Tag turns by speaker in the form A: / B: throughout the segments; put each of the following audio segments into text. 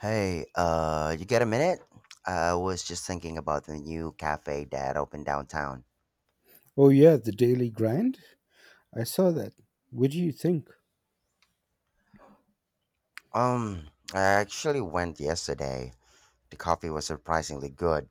A: Hey, you got a minute? I was just thinking about the new cafe that opened downtown.
B: Oh yeah, the Daily Grind. I saw that. What do you think?
A: Um, I actually went yesterday. The coffee was surprisingly good,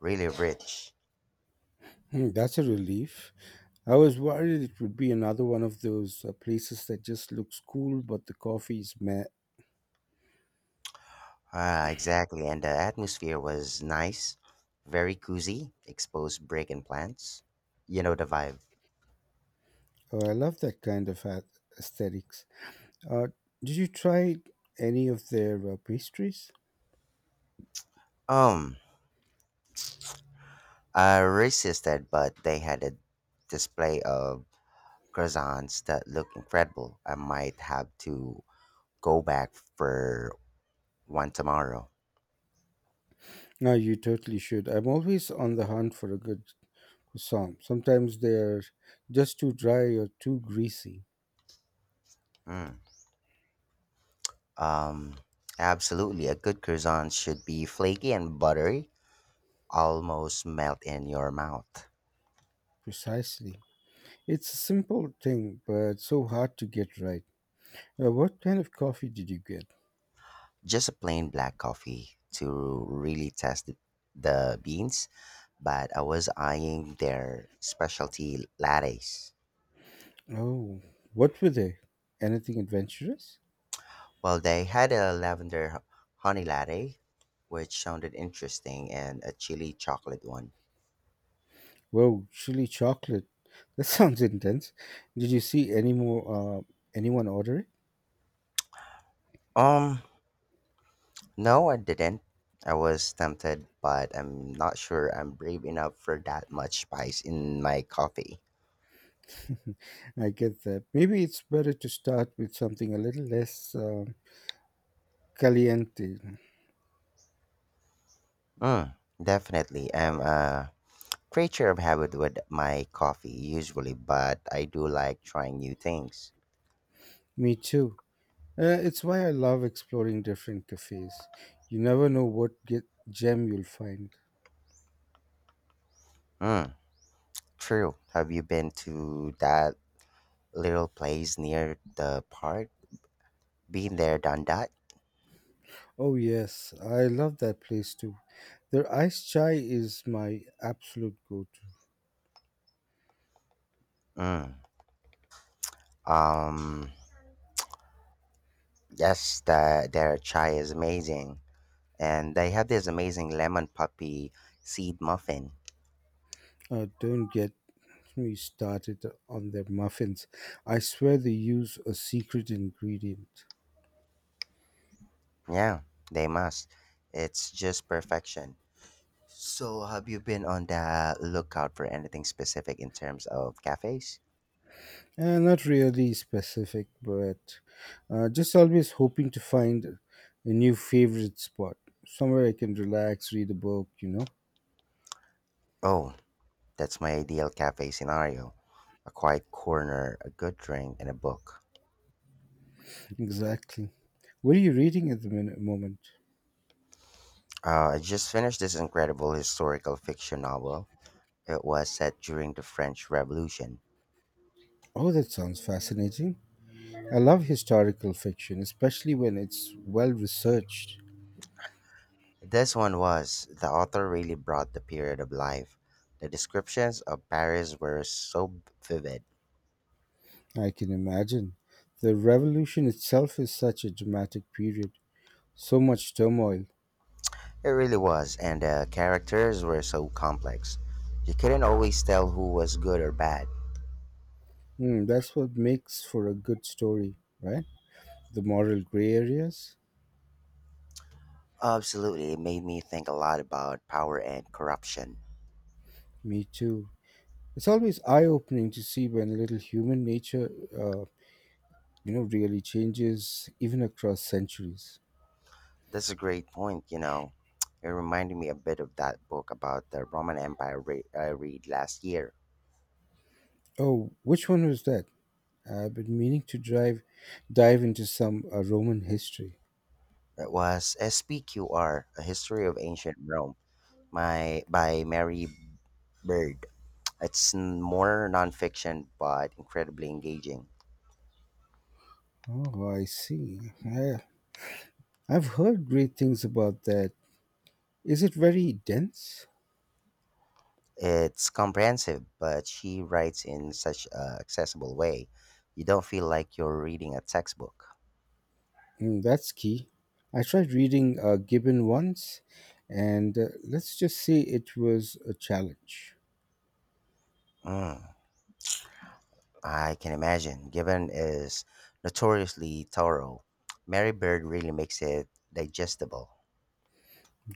A: really rich.
B: Hmm, that's a relief. I was worried it would be another one of those places that just looks cool, but the coffee is meh.
A: Exactly, and the atmosphere was nice, very cozy, exposed brick and plants. You know the vibe.
B: Oh, I love that kind of aesthetics. Uh, did you try any of their pastries?
A: Um, I resisted, but they had a display of croissants that looked incredible. I might have to go back for one tomorrow.
B: No, you totally should. I'm always on the hunt for a good croissant. Sometimes they're just too dry or too greasy.
A: Mm. Um, Absolutely. A good croissant should be flaky and buttery, almost melt in your mouth.
B: Precisely. It's a simple thing, but so hard to get right. What kind of coffee did you get?
A: Just a plain black coffee to really test the beans, but I was eyeing their specialty lattes.
B: Oh, what were they? Anything adventurous?
A: Well, they had a honey latte, which sounded interesting, and a chili chocolate one.
B: Whoa, chili chocolate. That sounds intense. Did you see any more? Anyone order
A: Um, No, I didn't. I was tempted, but I'm not sure I'm brave enough for that much spice in my coffee.
B: it? I get that. Maybe it's better to start with something a little less caliente.
A: Mm, definitely. I'm a creature of habit with my coffee usually, but I do like trying new things.
B: Me too. It's why I love exploring different cafes. You never know what get gem you'll find.
A: Mm, true. Have you been to that little place near the park? Been there, done that?
B: Oh yes, I love that place too. Their iced chai is my absolute go-to.
A: Mm. Um, Yes, their chai is amazing. And they have this amazing lemon poppy seed muffin.
B: Don't get me started on their muffins. I swear they use a secret ingredient.
A: Yeah, they must. It's just perfection. So, have you been on the lookout for anything specific in terms of cafes?
B: Not really specific, but just always hoping to find a new favorite spot. Somewhere I can relax, read a book, you know?
A: Oh, that's my ideal cafe scenario, a quiet corner, a good drink, and a book.
B: Exactly. What are you reading at the moment?
A: I just finished this incredible historical fiction novel. It was set during the French Revolution.
B: Oh, that sounds fascinating. I love historical fiction, especially when it's well researched.
A: This one was. The author really brought the period of life. The descriptions of Paris were so vivid.
B: I can imagine. The revolution itself is such a dramatic period, so much turmoil.
A: It really was, and the characters were so complex. You couldn't always tell who was good or bad.
B: Hmm, that's what makes for a good story, right? The moral gray areas?
A: Absolutely, it made me think a lot about power and corruption.
B: Me too. It's always eye opening to see when little human nature, uh, really changes, even across centuries.
A: That's a great point, It reminded me a bit of that book about the I read last year.
B: Oh, which one was that? I've been meaning to dive into some Roman history.
A: It was SPQR: A History of Ancient Rome, by Mary Bird. More nonfiction, but incredibly engaging.
B: Oh, I see. Yeah, I've heard great things about that. Is it very dense?
A: It's comprehensive, but she writes in such a accessible way. You don't feel like you're reading a textbook.
B: Mm, that's key. I tried reading Gibbon once, and let's just say it was a challenge.
A: Mm, I can imagine. Given is notoriously thorough. Mary Bird really makes it digestible.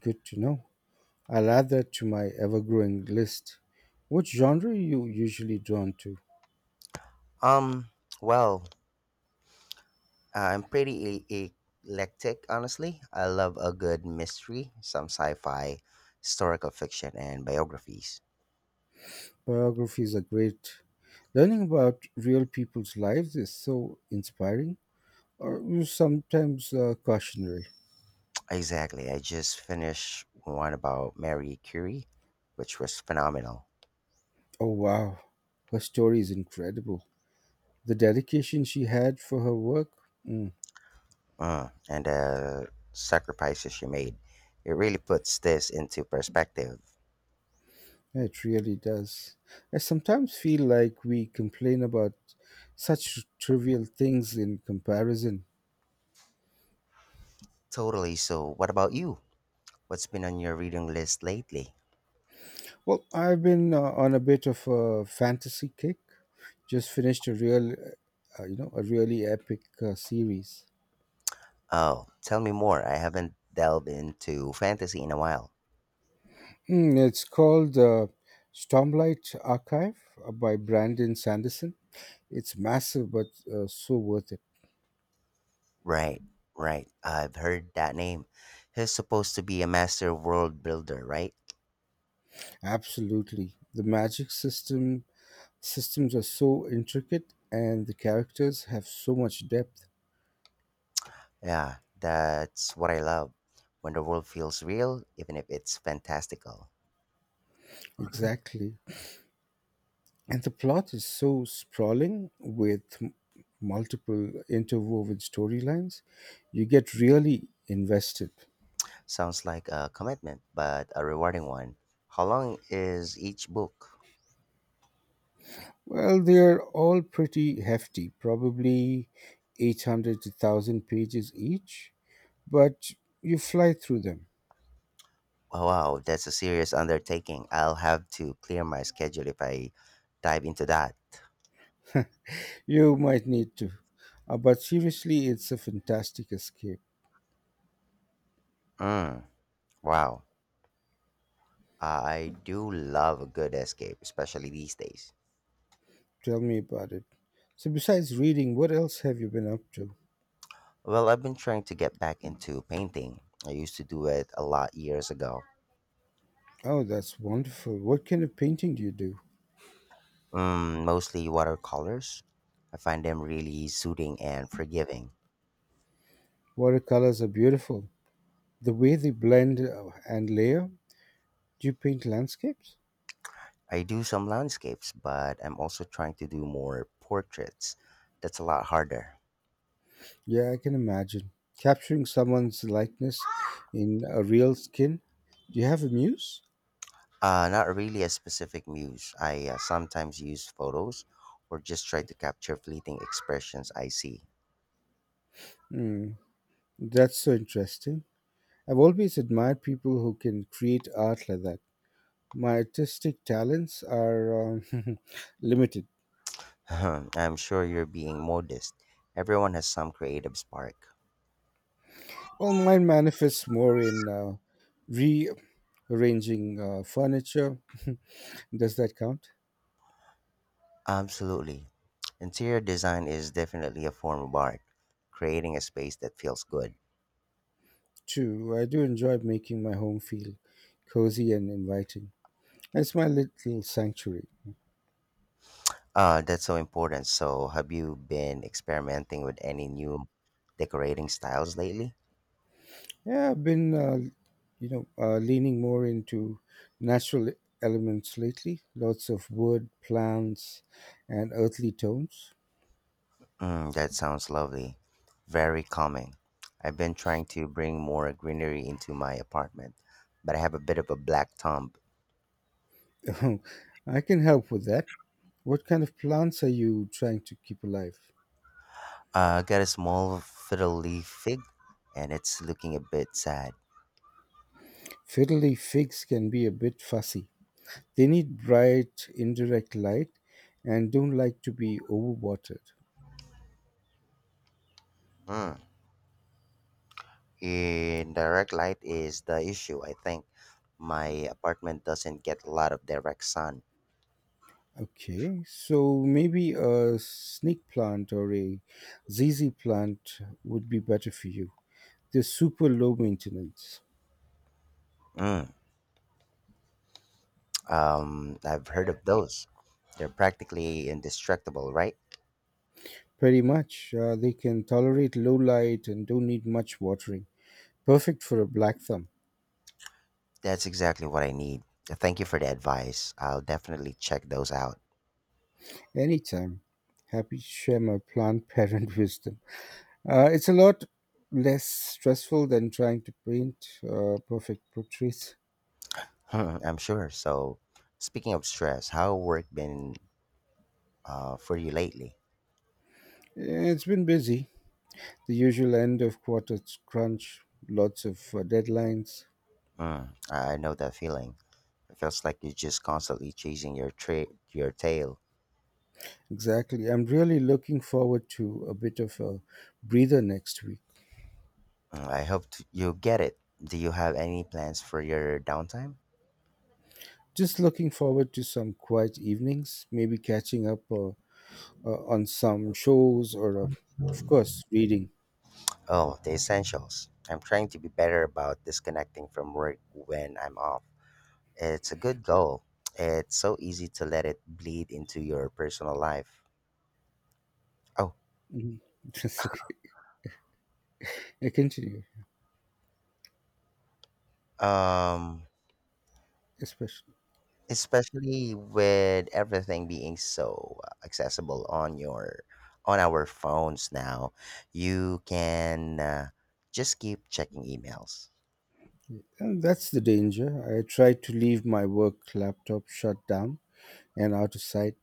B: Good to know. I'll add that to my ever growing list. What genre are you usually drawn to?
A: Um, well, I'm pretty eclectic, honestly. I love a good mystery, some sci fi, historical fiction, and biographies.
B: Biographies are great. Learning about real people's lives is so inspiring, or sometimes cautionary.
A: Exactly. I just finished one about Marie Curie, which was phenomenal.
B: Oh, wow. Her story is incredible. The dedication she had for her work, mm,
A: Mm. And the sacrifices she made. It really puts this into perspective.
B: it really does. I sometimes feel like we complain about such trivial things in comparison.
A: Totally. So, what about you? What's been on your reading list lately?
B: Well, I've been on a bit of a fantasy kick. Just finished a really epic series.
A: Oh, tell me more. I haven't delved into fantasy in a while.
B: It's called Stormlight Archive by Brandon Sanderson. It's massive, but so worth it.
A: Right, right. I've heard that name. He's supposed to be a master world builder, right?
B: Absolutely. The magic systems are so intricate and the characters have so much depth.
A: Yeah, that's what I love. When the world feels real, even if it's fantastical.
B: Exactly. And the plot is so sprawling with multiple interwoven storylines, you get really invested.
A: Sounds like a commitment, but a rewarding one. How long is each book?
B: Well, they're all pretty hefty, probably 800 to 1000 pages each, but you fly through them.
A: Oh, wow, that's a serious undertaking. I'll have to clear my schedule if I dive into that.
B: You might need to. But seriously, it's a fantastic escape.
A: Mm, wow. I do love a good escape, especially these days.
B: Tell me about it. So, besides reading, what else have you been up to?
A: Well, I've been trying to get back into painting. I used to do it a lot years ago.
B: Oh, that's wonderful. What kind of painting do you do?
A: Mm, mostly watercolors. I find them really soothing and forgiving.
B: Watercolors are beautiful. The way they blend and layer. Do you paint landscapes?
A: I do some landscapes, but I'm also trying to do more portraits. That's a lot harder.
B: Yeah, I can imagine. Capturing someone's likeness in a real skin. Do you have a muse?
A: Not really a specific muse. I sometimes use photos or just try to capture fleeting expressions I see.
B: Hmm, that's so interesting. I've always admired people who can create art like that. My artistic talents are limited.
A: I'm sure you're being modest. Everyone has some creative spark.
B: Well, mine manifests more in rearranging furniture. Does that count?
A: Absolutely. Interior design is definitely a form of art, creating a space that feels good.
B: Two, I do enjoy making my home feel cozy and inviting. It's my little sanctuary.
A: That's so important. So, have you been experimenting with any new decorating styles lately?
B: Yeah, I've been, leaning more into natural elements lately. Lots of wood, plants, and earthly tones.
A: Mm, that sounds lovely. Very calming. I've been trying to bring more greenery into my apartment, but I have a bit of a black thumb.
B: I can help with that. What kind of plants are you trying to keep alive?
A: I got a small fiddle leaf fig, and it's looking a bit sad.
B: Fiddly figs can be a bit fussy. They need bright indirect light and don't like to be overwatered.
A: Mm. Indirect light is the issue, I think. My apartment doesn't get a lot of direct sun.
B: Okay, so maybe a snake plant or a ZZ plant would be better for you. They're super low maintenance.
A: Mm. I've heard of those. They're practically indestructible, right?
B: Pretty much, they can tolerate low light and don't need much watering. Perfect for a black thumb.
A: That's exactly what I need. Thank you for the advice. I'll definitely check those out.
B: Anytime. Happy to share my plant parent wisdom. It's a lot less stressful than trying to paint perfect portraits.
A: Hmm, I'm sure. So, speaking of stress, how work been for you lately?
B: It's been busy. The usual end of quarter crunch, lots of deadlines.
A: Mm, I know that feeling. It feels like you're just constantly chasing your tail.
B: Exactly. I'm really looking forward to a bit of a breather next week.
A: Mm, you get it. Do you have any plans for your downtime?
B: Just looking forward to some quiet evenings, maybe catching up on some shows or, of course, reading.
A: Oh, the essentials. I'm trying to be better about disconnecting from work when I'm off. It's a good goal. It's so easy to let it bleed into your personal life. Oh,
B: Mhm. That's okay. I continue,
A: um,
B: especially.
A: especially with everything being so accessible on your on our phones now, you can just keep checking emails.
B: And that's the danger. I tried to leave my work laptop shut down and out of sight.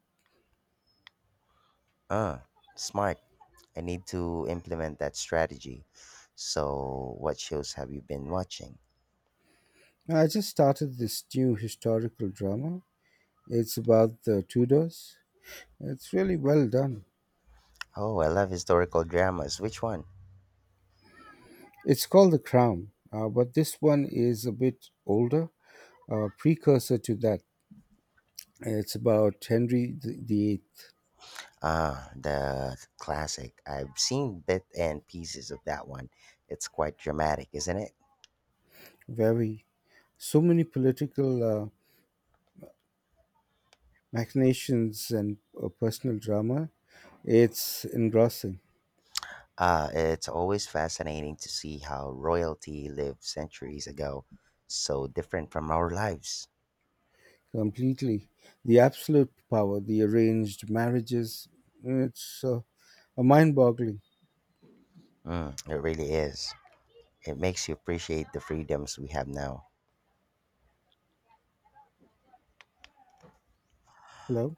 A: Uh, Smart. I need to implement that strategy. So, what shows have you been watching?
B: I just started this new historical drama. It's about the Tudors. It's really well done.
A: Oh, I love historical dramas. Which one?
B: It's called The Crown, but this one is a bit older, a precursor to that. It's about Henry the Eighth.
A: Ah, the classic. I've seen bit and pieces of that one. It's quite dramatic, isn't it?
B: Very so many political machinations and personal drama. It's engrossing.
A: It's always fascinating to see how royalty lived centuries ago, so different from our lives.
B: Completely. The absolute power, the arranged marriages. It's a mind-boggling.
A: Mm, it really is. It makes you appreciate the freedoms we have now.
B: Hello,